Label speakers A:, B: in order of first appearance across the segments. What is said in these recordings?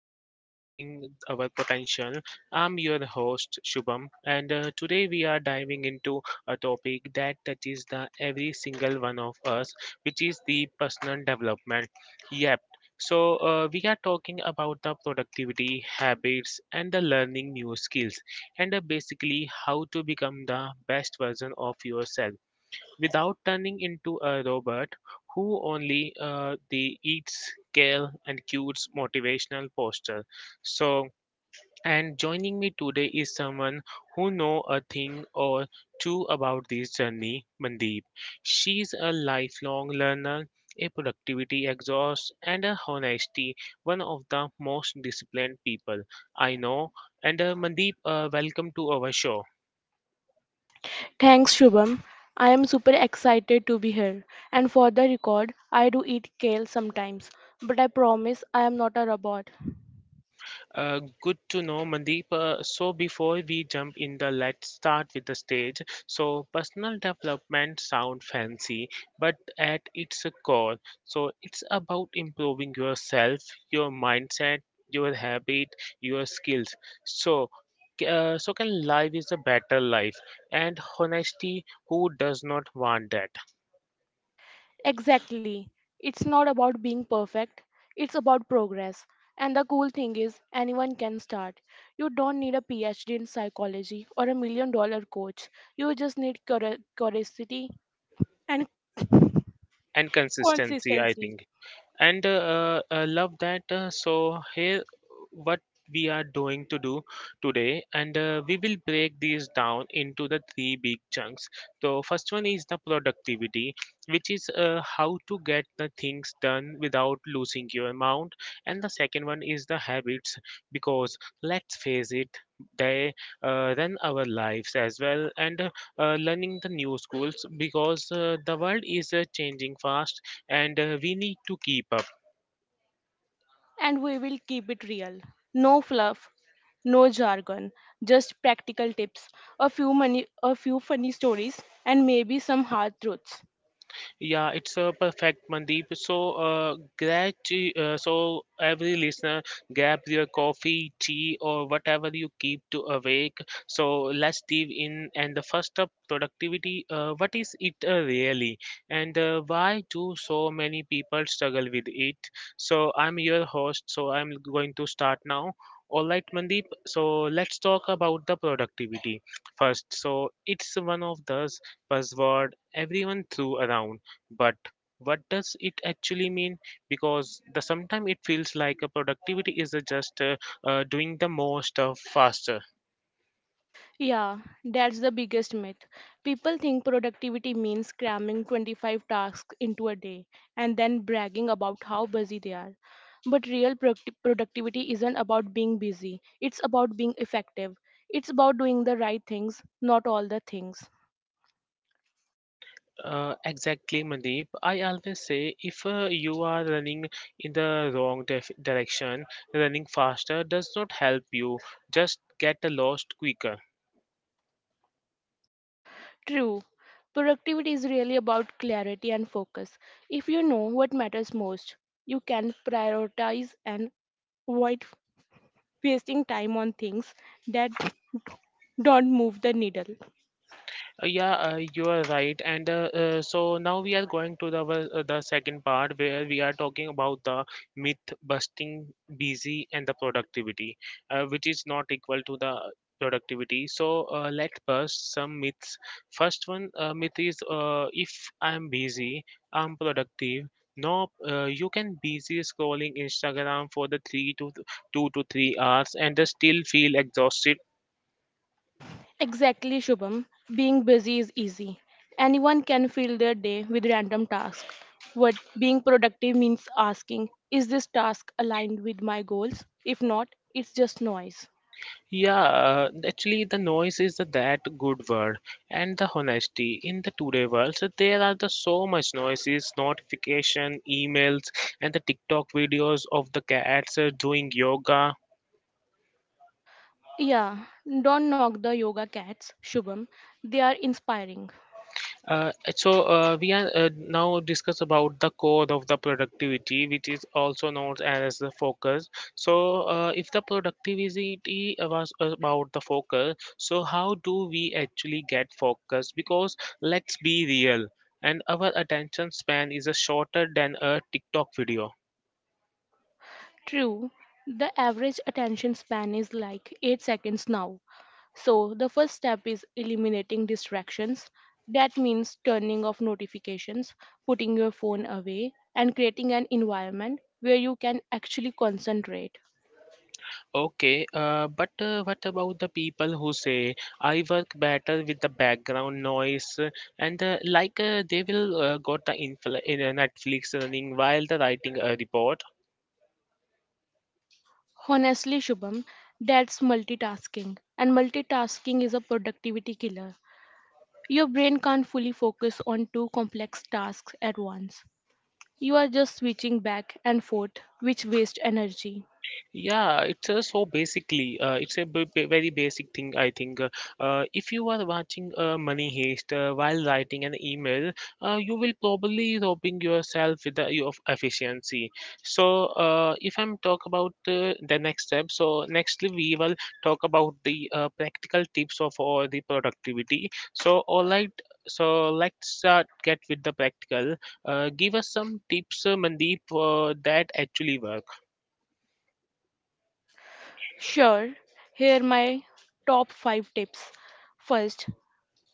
A: to the Unlocking Our Potential. I'm your host Shubham, and today we are diving into a topic that touches the every single one of us, which is the personal development. Yep. So we are talking about the productivity habits and the learning new skills, and basically how to become the best version of yourself without turning into a robot who only the eats kale and cutes motivational poster so and joining me today is someone who know a thing or two about this journey, Mandeep. She's a lifelong learner, a productivity exhaust and a honesty one of the most disciplined people I know. And Mandeep, welcome to our show.
B: Thanks, Shubham. I am super excited to be here. And for the record, I do eat kale sometimes, but I promise I am not a robot.
A: Good to know, Mandeep. So, before we jump in the let's start with the stage. So, personal development sound fancy, but at its core, so it's about improving yourself, your mindset, your habit, your skills. So, so can life is a better life, and honesty. Who does not want that?
B: Exactly. It's not about being perfect, it's about progress. And the cool thing is, anyone can start. You don't need a PhD in psychology or $1 million coach. You just need curiosity and
A: And consistency, I
B: consistency.
A: think. And love that. So here what we are doing to do today, and we will break these down into the three big chunks. So first one is the productivity, which is how to get the things done without losing your amount. And the second one is the habits, because let's face it, they run our lives as well. And learning the new schools, because the world is changing fast and we need to keep up.
B: And we will keep it real. No fluff, no jargon, just practical tips, a few money, a few funny stories, and maybe some hard truths.
A: Yeah, it's a perfect, Mandeep. So, so every listener, grab your coffee, tea, or whatever you keep to awake. So let's dive in. And the first up, productivity. What is it really, and why do so many people struggle with it? So I'm your host, so I'm going to start now. All right, Mandeep. So let's talk about the productivity first. So it's one of those buzzword everyone threw around, but what does it actually mean? Because the sometimes it feels like a productivity is a just doing the most faster.
B: Yeah, that's the biggest myth. People think productivity means cramming 25 tasks into a day and then bragging about how busy they are. But real productivity isn't about being busy, it's about being effective. It's about doing the right things, not all the things.
A: Exactly, Mandeep. I always say if you are running in the direction, running faster does not help you, just get lost quicker.
B: True. Productivity is really about clarity and focus. If you know what matters most, you can prioritize and avoid wasting time on things that don't move the needle.
A: Yeah, you are right. And so now we are going to the the second part where we are talking about the myth busting, busy, and the productivity, which is not equal to the productivity. So let's bust some myths. First one myth is if I'm busy, I'm productive. No, you can busy scrolling Instagram for the 2 to 3 hours and still feel exhausted.
B: Exactly, Shubham. Being busy is easy. Anyone can fill their day with random tasks. What being productive means asking, is this task aligned with my goals? If not, it's just noise.
A: Yeah, actually, the noise is the that good word, and the honesty in the today world. So there are the so much noises, notification, emails, and the TikTok videos of the cats doing yoga.
B: Yeah, don't knock the yoga cats, Shubham. They are inspiring.
A: Uh, so we are now discuss about the core of the productivity, which is also known as the focus. So if the productivity was about the focus, so how do we actually get focus? Because let's be real, and our attention span is shorter than a TikTok video.
B: True, the average attention span is like 8 seconds now. So, the first step is eliminating distractions. That means turning off notifications, putting your phone away, and creating an environment where you can actually concentrate.
A: Okay, but what about the people who say I work better with the background noise, and like they will got the Netflix running while the writing a report?
B: Honestly, Shubham, that's multitasking. And multitasking is a productivity killer. Your brain can't fully focus on two complex tasks at once. You are just switching back and forth, which wastes energy.
A: Yeah, it's so basically, it's a very basic thing, I think. If you are watching Money Heist while writing an email, you will probably robbing yourself with the, of efficiency. So, if I'm talk about the next step, so nextly we will talk about the practical tips of all the productivity. So, all right. So let's get with the practical. Give us some tips, Mandeep, that actually work.
B: Sure, here are my top 5 tips. First,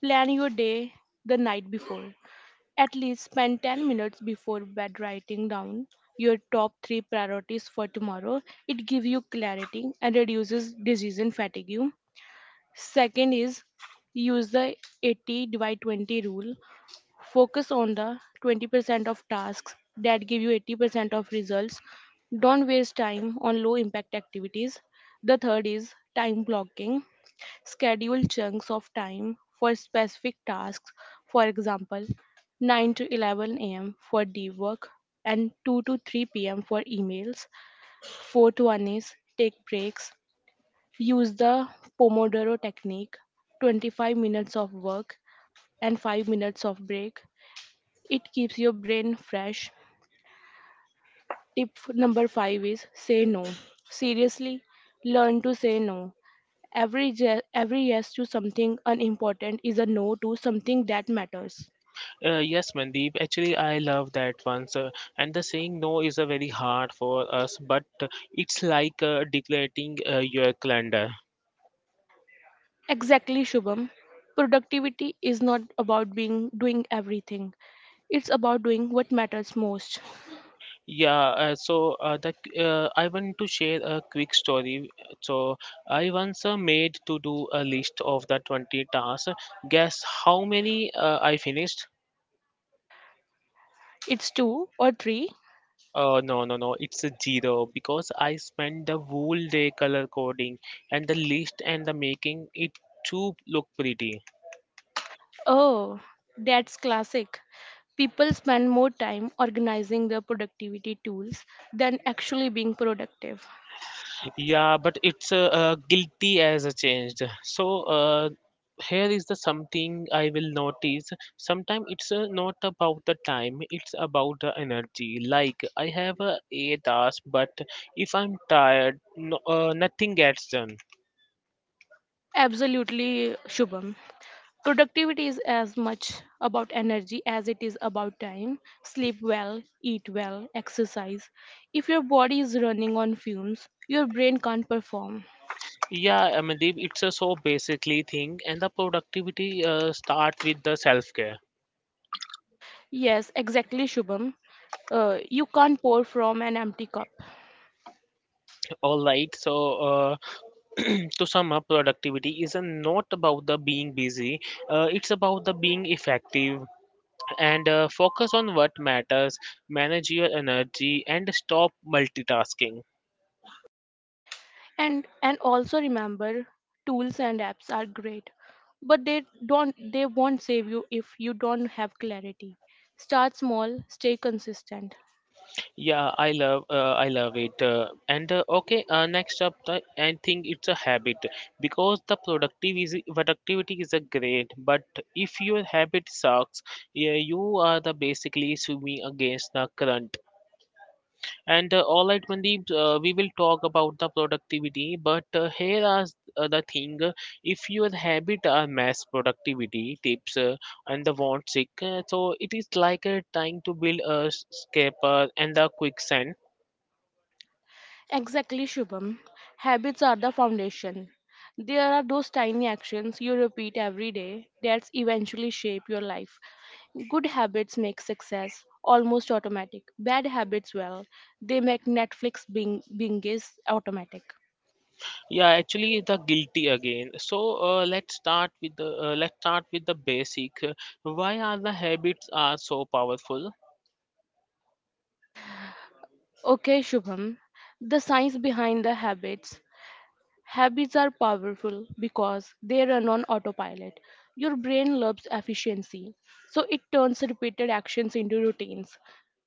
B: plan your day the night before. At least spend 10 minutes before bed writing down your top 3 priorities for tomorrow. It gives you clarity and reduces decision fatigue. Second is use the 80 divide 20 rule. Focus on the 20% of tasks that give you 80% of results. Don't waste time on low impact activities. The third is time blocking. Schedule chunks of time for specific tasks. For example, 9 to 11 a.m. for deep work and 2 to 3 p.m. for emails. Fourth one is take breaks. Use the Pomodoro technique 25 minutes of work and 5 minutes of break. It keeps your brain fresh. Number five is say no. Seriously, learn to say no. Every yes to something unimportant is a no to something that matters.
A: Yes, Mandeep. Actually, I love that one, sir. And the saying no is a very hard for us, but it's like declaring your calendar.
B: Exactly, Shubham. Productivity is not about being doing everything. It's about doing what matters most.
A: Yeah. So the I want to share a quick story. So I once made to do a list of the 20 tasks. Guess how many I finished?
B: It's two or three.
A: No. It's a zero, because I spent the whole day color coding and the list and the making it to look pretty.
B: Oh, that's classic. People spend more time organizing their productivity tools than actually being productive.
A: Yeah, but it's guilty as a changed. So here is the something I will notice. Sometimes it's not about the time; it's about the energy. Like I have a 8 hours, but if I'm tired, no, nothing gets done.
B: Absolutely, Shubham. Productivity is as much about energy as it is about time. Sleep well, eat well, exercise. If your body is running on fumes, your brain can't perform.
A: Yeah, Amandeep, it's a so basically thing, and the productivity start with the self care.
B: Yes, exactly, Shubham. You can't pour from an empty cup.
A: All right, so uh, to sum up, productivity is not about the being busy. It's about the being effective and focus on what matters, manage your energy, and stop multitasking.
B: And also remember, tools and apps are great, but they won't save you if you don't have clarity. Start small, stay consistent.
A: Yeah, I love it. And okay, next up, the, I think it's a habit, because the productivity is a great, but if your habit sucks, yeah, you are the basically swimming against the current. And all right, Mandeep, we will talk about the productivity, but here are the thing: if your habit are mass productivity tips and the want sick, so it is like trying to build a scraper and the quicksand.
B: Exactly, Shubham. Habits are the foundation. There are those tiny actions you repeat every day that eventually shape your life. Good habits make success almost automatic. Bad habits, well, they make Netflix binges automatic.
A: Yeah, actually, the guilty again. So let's start with the basic. Why are the habits are so powerful?
B: Okay, Shubham. The science behind the habits. Habits are powerful because they run on autopilot. Your brain loves efficiency, so it turns repeated actions into routines.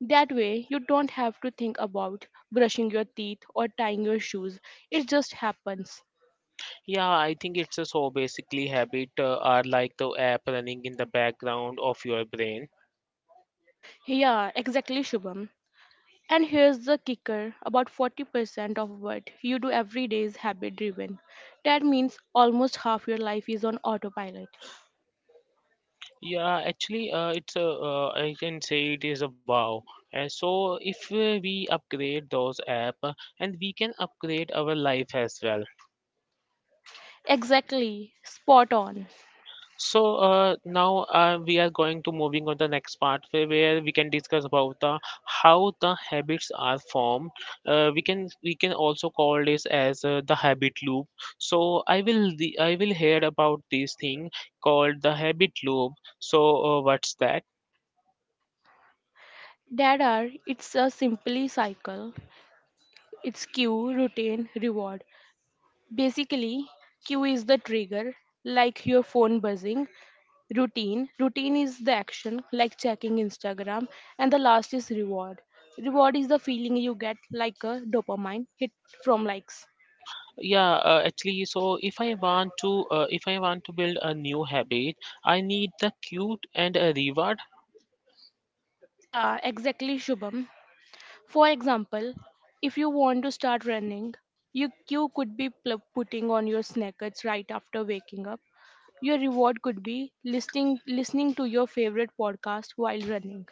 B: That way, you don't have to think about brushing your teeth or tying your shoes. It just happens.
A: Yeah, I think it's a so basically habit are like the app running in the background of your brain.
B: Yeah, exactly, Shubham. And here's the kicker, about 40% of what you do every day is habit driven. That means almost half your life is on autopilot.
A: Yeah, actually, it's a I can say it is a wow. And so if we upgrade those app, and we can upgrade our life as well.
B: Exactly, spot on.
A: So now we are going to moving on the next part where we can discuss about the how the habits are formed. We can also call this as the habit loop. So I will hear about this thing called the habit loop. So what's that?
B: There are, it's a simply cycle. It's cue, routine, reward. Basically, cue is the trigger, like your phone buzzing. Routine is the action, like checking Instagram. And the last is reward. Reward is the feeling you get, like a dopamine hit from likes.
A: Yeah, actually, so if I want to build a new habit I need the cute and a reward.
B: Yeah, exactly, Shubham. For example, if you want to start running, you could be putting on your sneakers right after waking up. Your reward could be listening to your favorite podcast while running.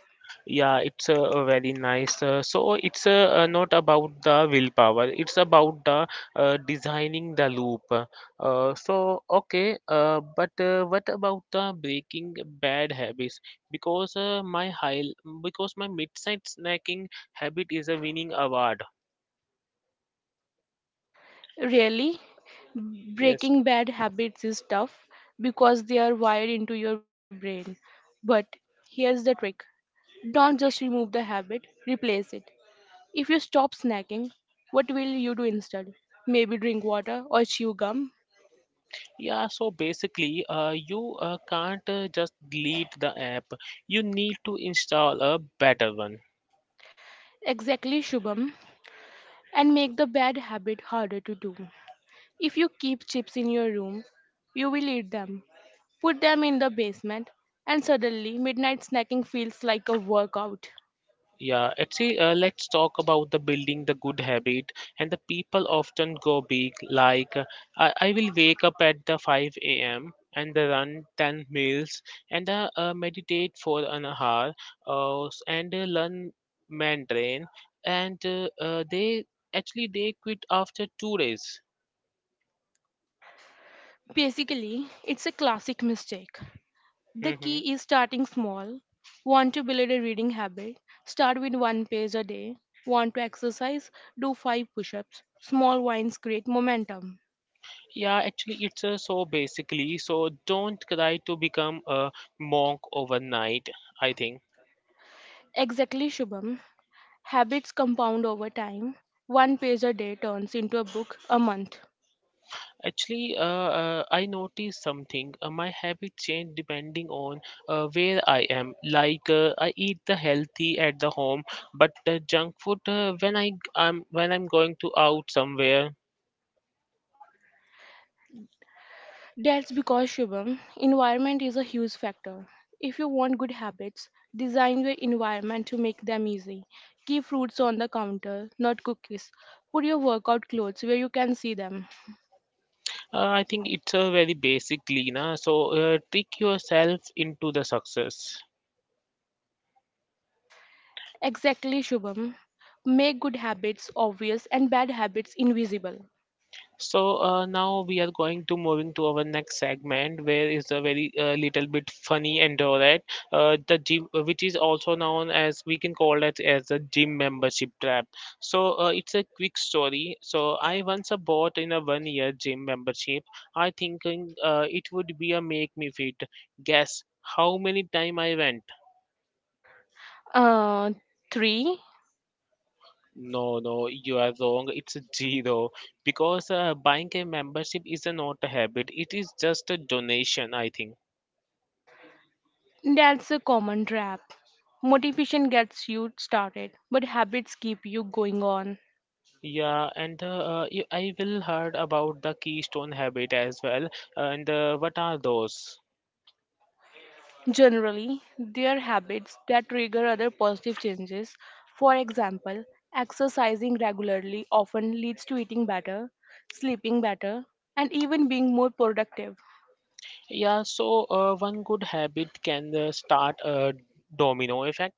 A: Yeah, it's a very nice. So it's not about the willpower, it's about the designing the loop. So okay, but what about the breaking bad habits, because uh, my high because my midnight snacking habit is a winning award.
B: Really,
A: Yes.
B: breaking bad habits is tough because they are wired into your brain. But here's the trick. Don't just remove the habit, replace it. If you stop snacking, what will you do instead? Maybe drink water or chew gum?
A: Yeah, so basically, you can't just delete the app. You need to install a better one.
B: Exactly, Shubham. And make the bad habit harder to do. If you keep chips in your room, you will eat them. Put them in the basement, and suddenly midnight snacking feels like a workout.
A: Yeah, actually, let's talk about the building the good habit. And the people often go big, like I will wake up at the 5 a.m. and the run 10 miles and meditate for an hour and learn Mandarin. And they actually they quit after 2 days.
B: Basically, it's a classic mistake. The
A: Hmm.
B: key is starting small. Want to build a reading habit? Start with one page a day. Want to exercise? Do five push ups. Small wins create momentum.
A: Yeah, actually, it's so basically, so don't try to become a monk overnight, I think.
B: Exactly, Shubham. Habits compound over time. One page a day turns into a book a month.
A: Actually, I noticed something. My habit change depending on where I am. Like I eat the healthy at the home, but the junk food when I'm going to out somewhere.
B: That's because, Shubham, environment is a huge factor. If you want good habits, design your environment to make them easy. Keep fruits on the counter, not cookies. Put your workout clothes where you can see them.
A: I think it's very basically, na. So trick yourself into the success.
B: Exactly, Shubham. Make good habits obvious and bad habits invisible.
A: So now we are going to moving to our next segment, where is a very little bit funny and alright. The gym, which is also known as we can call it as a gym membership trap. So it's a quick story. So I once bought in a 1 year gym membership. I thinking it would be a make me fit. Guess how many time I went?
B: Uh, three.
A: No, no, you are wrong. It's a zero, because buying a membership is not a habit. It is just a donation, I think.
B: That's a common trap. Motivation gets you started, but habits keep you going on.
A: Yeah, and the, I will heard about the keystone habit as well. And what are those?
B: Generally, they are habits that trigger other positive changes. For example, exercising regularly often leads to eating better, sleeping better, and even being more productive.
A: Yeah, so one good habit can start a domino effect.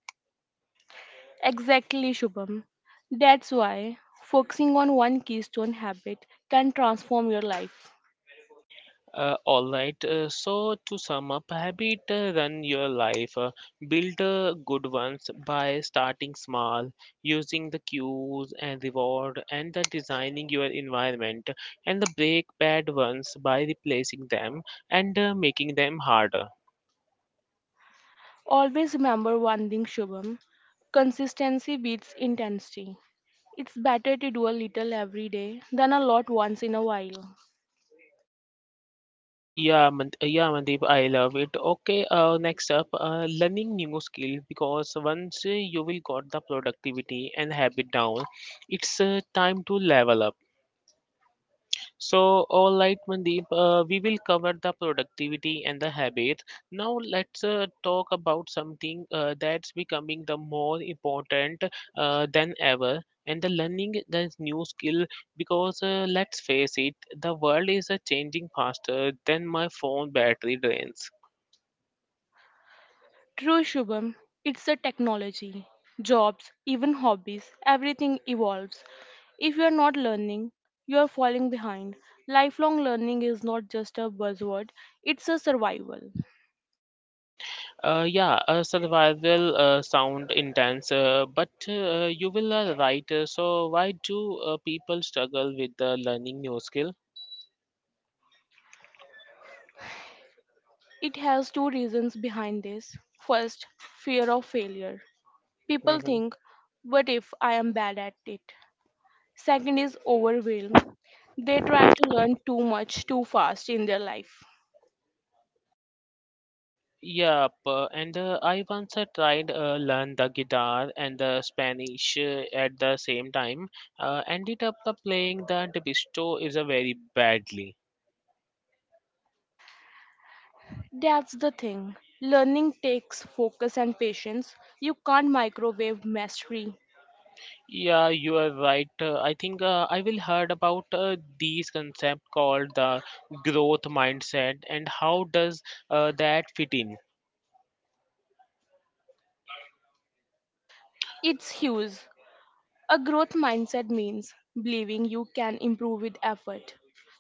B: Exactly, Shubham. That's why focusing on one keystone habit can transform your life.
A: All right. So to sum up, habit run your life. Build good ones by starting small, using the cues and reward, and the designing your environment, and the break bad ones by replacing them and making them harder.
B: Always remember one thing, Shubham: consistency beats intensity. It's better to do a little every day than a lot once in a while.
A: Yeah, Mandeep, I love it. Okay, next up, learning new skill. Because once you will got the productivity and habit down, it's time to level up. So, all right, Mandeep, we will cover the productivity and the habits. Now, let's talk about something that's becoming the more important than ever, and the learning the new skill. Because let's face it, the world is changing faster than my phone battery drains.
B: True, Shubham, it's the technology, jobs, even hobbies, everything evolves. If you're not learning, you're falling behind. Lifelong learning is not just a buzzword, it's a survival.
A: Yeah, survival sound intense, but you will right. So, why do people struggle with learning new skill?
B: It has two reasons behind this. First, fear of failure. People
A: Mm-hmm.
B: think, what if I am bad at it? Second is overwhelm. They try to learn too much too fast in their life.
A: Yep, and I once tried learn the guitar and the Spanish at the same time. Ended up playing the Debisto is a very badly.
B: That's the thing. Learning takes focus and patience. You can't microwave mastery.
A: Yeah, you are right. I think I will heard about these concept called the growth mindset, and how does that fit in?
B: It's huge. A growth mindset means believing you can improve with effort.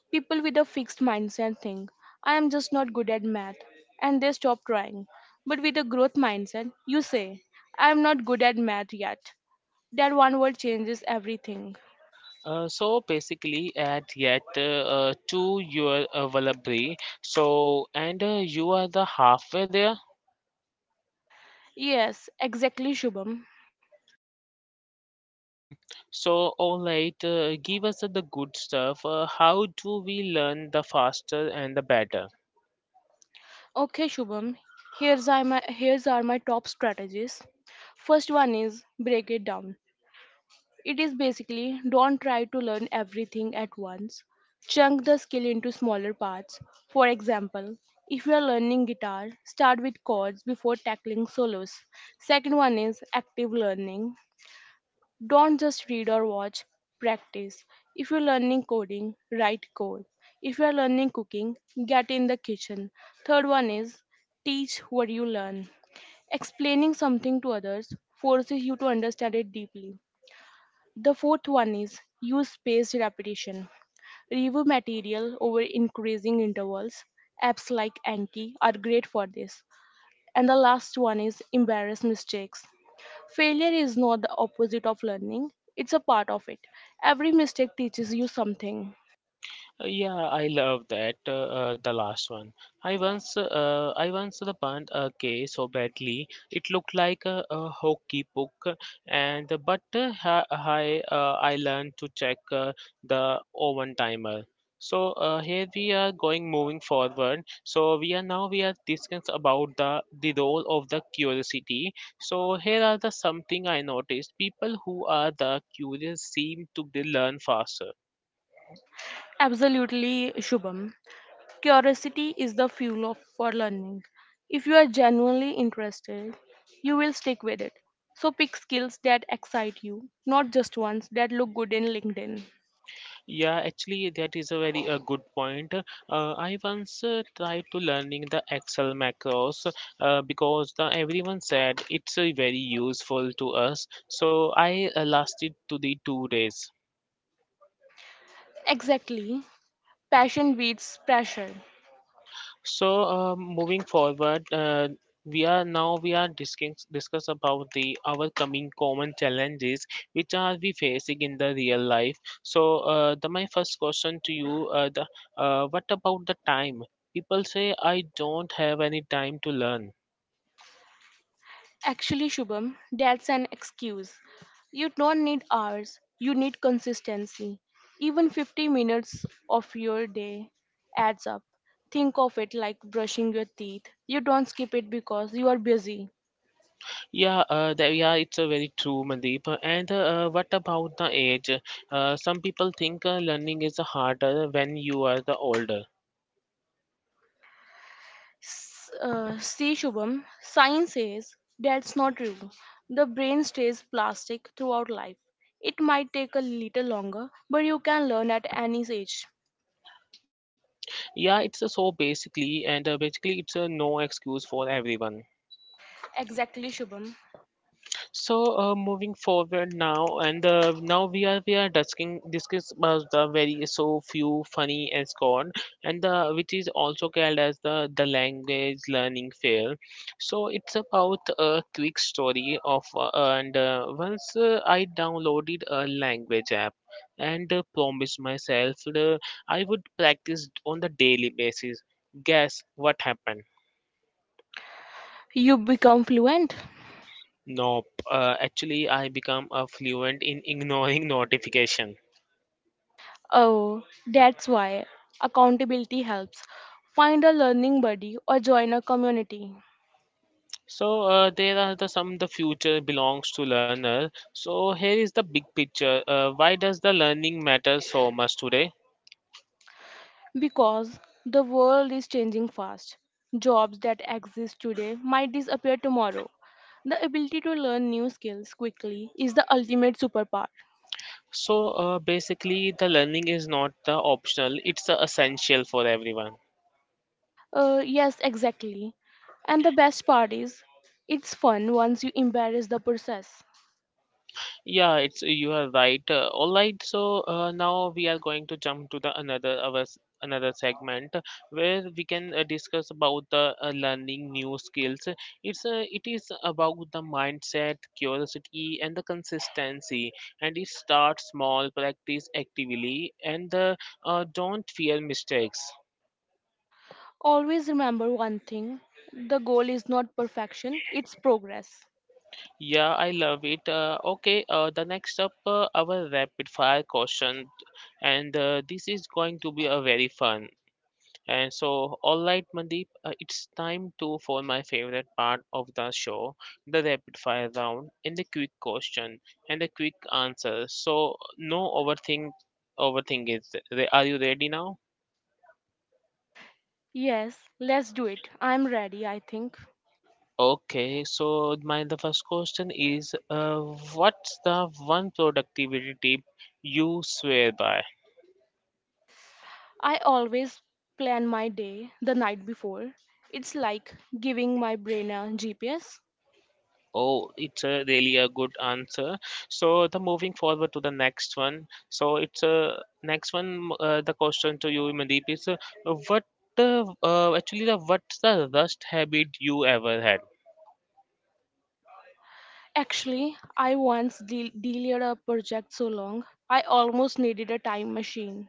B: People with a fixed mindset think, I am just not good at math, and they stop trying. But with a growth mindset, you say, I am not good at math yet. That one word changes everything.
A: So basically, add yet to your vocabulary. So and you are the halfway there.
B: Yes, exactly, Shubham.
A: So, all right, give us the good stuff. How do we learn the faster and the better?
B: Okay, Shubham. Here's are my top strategies. First one is break it down. It is basically don't try to learn everything at once. Chunk the skill into smaller parts. For example, if you are learning guitar, start with chords before tackling solos. Second one is active learning. Don't just read or watch, practice. If you're learning coding, write code. If you're learning cooking, get in the kitchen. Third one is teach what you learn. Explaining something to others forces you to understand it deeply. The fourth one is use spaced repetition. Review material over increasing intervals. Apps like Anki are great for this. And the last one is embarrass mistakes. Failure is not the opposite of learning, it's a part of it. Every mistake teaches you something.
A: Yeah, I love that. The last one. I once the burnt a case so badly it looked like a hockey puck, and but I learned to check the oven timer. So here we are going moving forward. So we are now we are discussing about the role of the curiosity. So here are the something I noticed. People who are the curious seem to be learn faster.
B: Absolutely, Shubham. Curiosity is the for learning. If you are genuinely interested, you will stick with it. So pick skills that excite you, not just ones that look good in LinkedIn.
A: Yeah, actually, that is a very good point. I once tried to learning the Excel macros because the everyone said it's very useful to us. So I lasted to the 2 days.
B: Exactly. Passion beats pressure.
A: So, moving forward, we are now we are discuss about the our coming common challenges which are we facing in the real life. So, the my first question to you, the what about the time? People say I don't have any time to learn.
B: Actually, Shubham, that's an excuse. You don't need hours, you need consistency. Even 50 minutes of your day adds up. Think of it like brushing your teeth. You don't skip it because you are busy.
A: Yeah, yeah, it's a very true, Mandeep. And what about the age? Some people think learning is harder when you are the older.
B: See, Shubham, science says that's not true. The brain stays plastic throughout life. It might take a little longer, but you can learn at any age.
A: Yeah, it's a so basically, and basically, it's a no excuse for everyone.
B: Exactly, Shubham.
A: So, moving forward now, and now we are discussing discuss about the very so few funny and gone, and the which is also called as the language learning fail. So it's about a quick story of and once I downloaded a language app and promised myself I would practice on the daily basis. Guess what happened?
B: You become fluent.
A: Nope. Actually, I become fluent in ignoring notification.
B: Oh, that's why accountability helps. Find a learning buddy or join a community.
A: So there are the some the future belongs to learner. So here is the big picture. Why does the learning matter so much today?
B: Because the world is changing fast. Jobs that exist today might disappear tomorrow. The ability to learn new skills quickly is the ultimate superpower.
A: So basically, the learning is not the optional; it's the essential for everyone.
B: Yes, exactly. And the best part is, it's fun once you embrace the process.
A: Yeah, it's you are right. All right, so now we are going to jump to the another another segment where we can discuss about the learning new skills. It is about the mindset, curiosity, and the consistency. And it starts small, practice actively, and don't fear mistakes.
B: Always remember one thing: the goal is not perfection, it's progress.
A: Yeah, I love it. Okay, the next up, our rapid fire question, and this is going to be a very fun. And so, all right, Mandeep, it's time to for my favorite part of the show, the rapid fire round and the quick question and the quick answer. So, no overthink, overthink it. Are you ready now?
B: Yes, let's do it. I'm ready, I think.
A: Okay, so my the first question is, what's the one productivity tip you swear by?
B: I always plan my day the night before. It's like giving my brain a GPS.
A: Oh, it's a really a good answer. So, the moving forward to the next one. So, it's a next one. The question to you, Mandeep, is what actually the what's the worst habit you ever had?
B: Actually, I once delayed a project so long, I almost needed a time machine.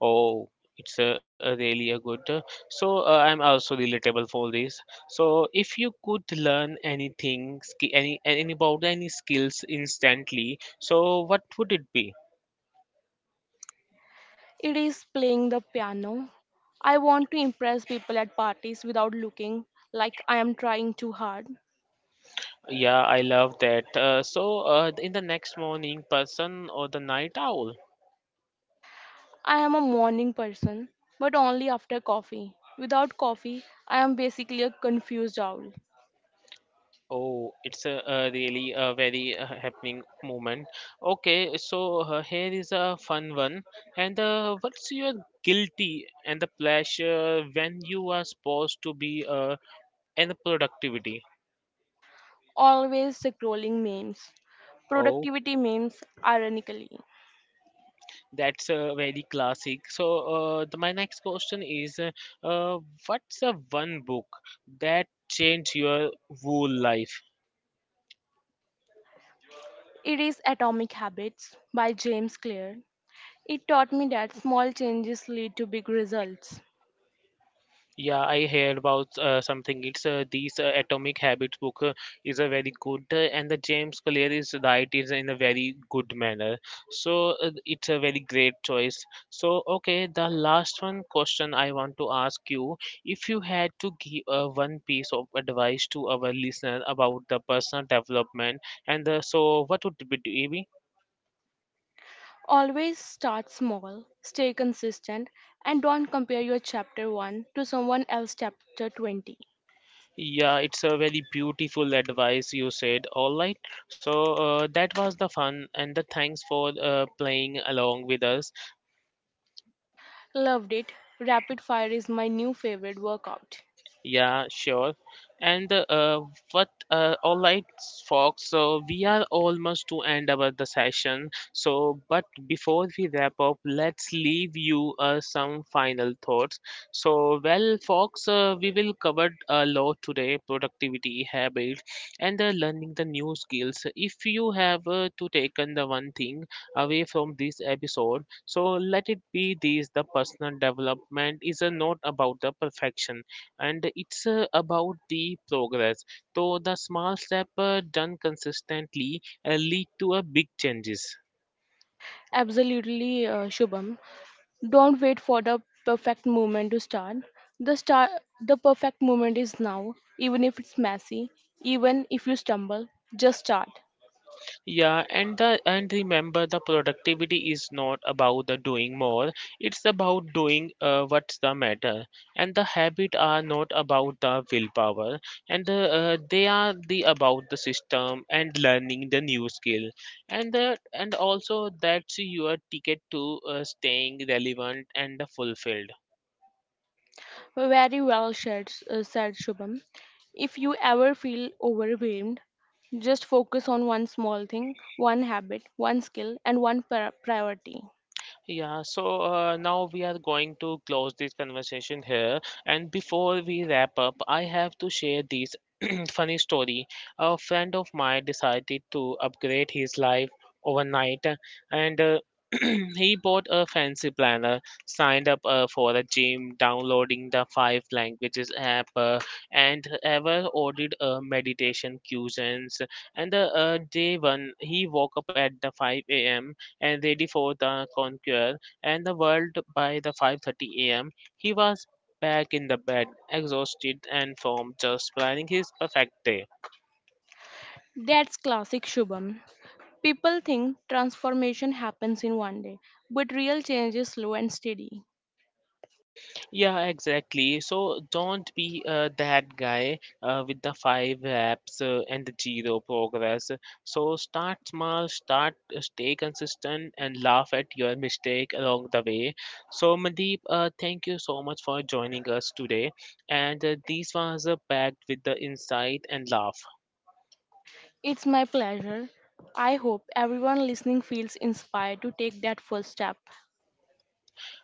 A: Oh, it's a really a good. I'm also relatable for this. So, if you could learn anything, any about any skills instantly, so what would it be?
B: It is playing the piano. I want to impress people at parties without looking like I am trying too hard.
A: Yeah, I love that. In the next morning, person or the night owl?
B: I am a morning person, but only after coffee. Without coffee, I am basically a confused owl.
A: Oh, it's a really a very happening moment. Okay, so here is a fun one. And what's your guilty and the pleasure when you are supposed to be and the productivity?
B: Always scrolling memes,
A: Oh,
B: productivity memes, ironically.
A: that's very classic. So, my next question is, uh, what's the one book that changed your whole life?
B: It is Atomic Habits by James Clear. It taught me that small changes lead to big results.
A: Yeah, I heard about something. It's these Atomic Habits book is a very good, and the James Clear is right is in a very good manner. So it's a very great choice. So okay, the last one question I want to ask you: if you had to give one piece of advice to our listener about the personal development, so what would it be?
B: Always start small, stay consistent, and don't compare your chapter 1 to someone else's chapter 20.
A: Yeah, it's a very beautiful advice you said. All right. So that was the fun and the thanks for playing along with us.
B: Loved it. Rapid fire is my new favorite workout.
A: Yeah, sure. And what? All right, folks. So we are almost to end our the session. So, but before we wrap up, let's leave you some final thoughts. So, well, folks, we will cover a lot today: productivity, habits, and learning the new skills. If you have to taken the one thing away from this episode, so let it be this: the personal development is not about the perfection and it's about the progress. So the small step done consistently lead to a big changes.
B: Absolutely, Shubham. Don't wait for the perfect moment to start. The start the perfect moment is now, even if it's messy, even if you stumble, just start.
A: Yeah, and the and remember the productivity is not about the doing more. It's about doing what's the matter. And the habit are not about the willpower, and they are the about the system and learning the new skill. And also that's your ticket to staying relevant and fulfilled.
B: Very well said, Shubham. If you ever feel overwhelmed, just focus on one small thing, one habit, one skill, and one priority.
A: Yeah, so now we are going to close this conversation here. And before we wrap up, I have to share this funny story. A friend of mine decided to upgrade his life overnight, and he bought a fancy planner, signed up for a gym, downloading the five languages app, and ever ordered meditation cuisines. And day one, he woke up at the 5 a.m and ready for the conquer and the world by the 5:30 a.m. He was back in the bed, exhausted and from just planning his perfect day.
B: That's classic, Shubham. People think transformation happens in 1 day, but real change is slow and steady.
A: Yeah, exactly. So don't be that guy with the five apps and the zero progress. So start small, stay consistent, and laugh at your mistake along the way. So Mandeep, thank you so much for joining us today. And this was packed with the insight and laugh.
B: It's my pleasure. I hope everyone listening feels inspired to take that first step.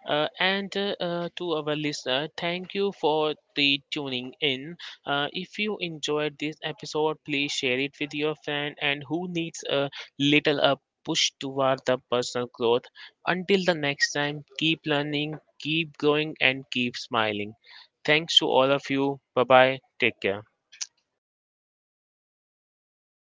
A: And To our listener, thank you for the tuning in. If you enjoyed this episode, please share it with your friend and who needs a little a push toward the personal growth. Until the next time, keep learning, keep growing, and keep smiling. Thanks to all of you. Bye bye. Take care.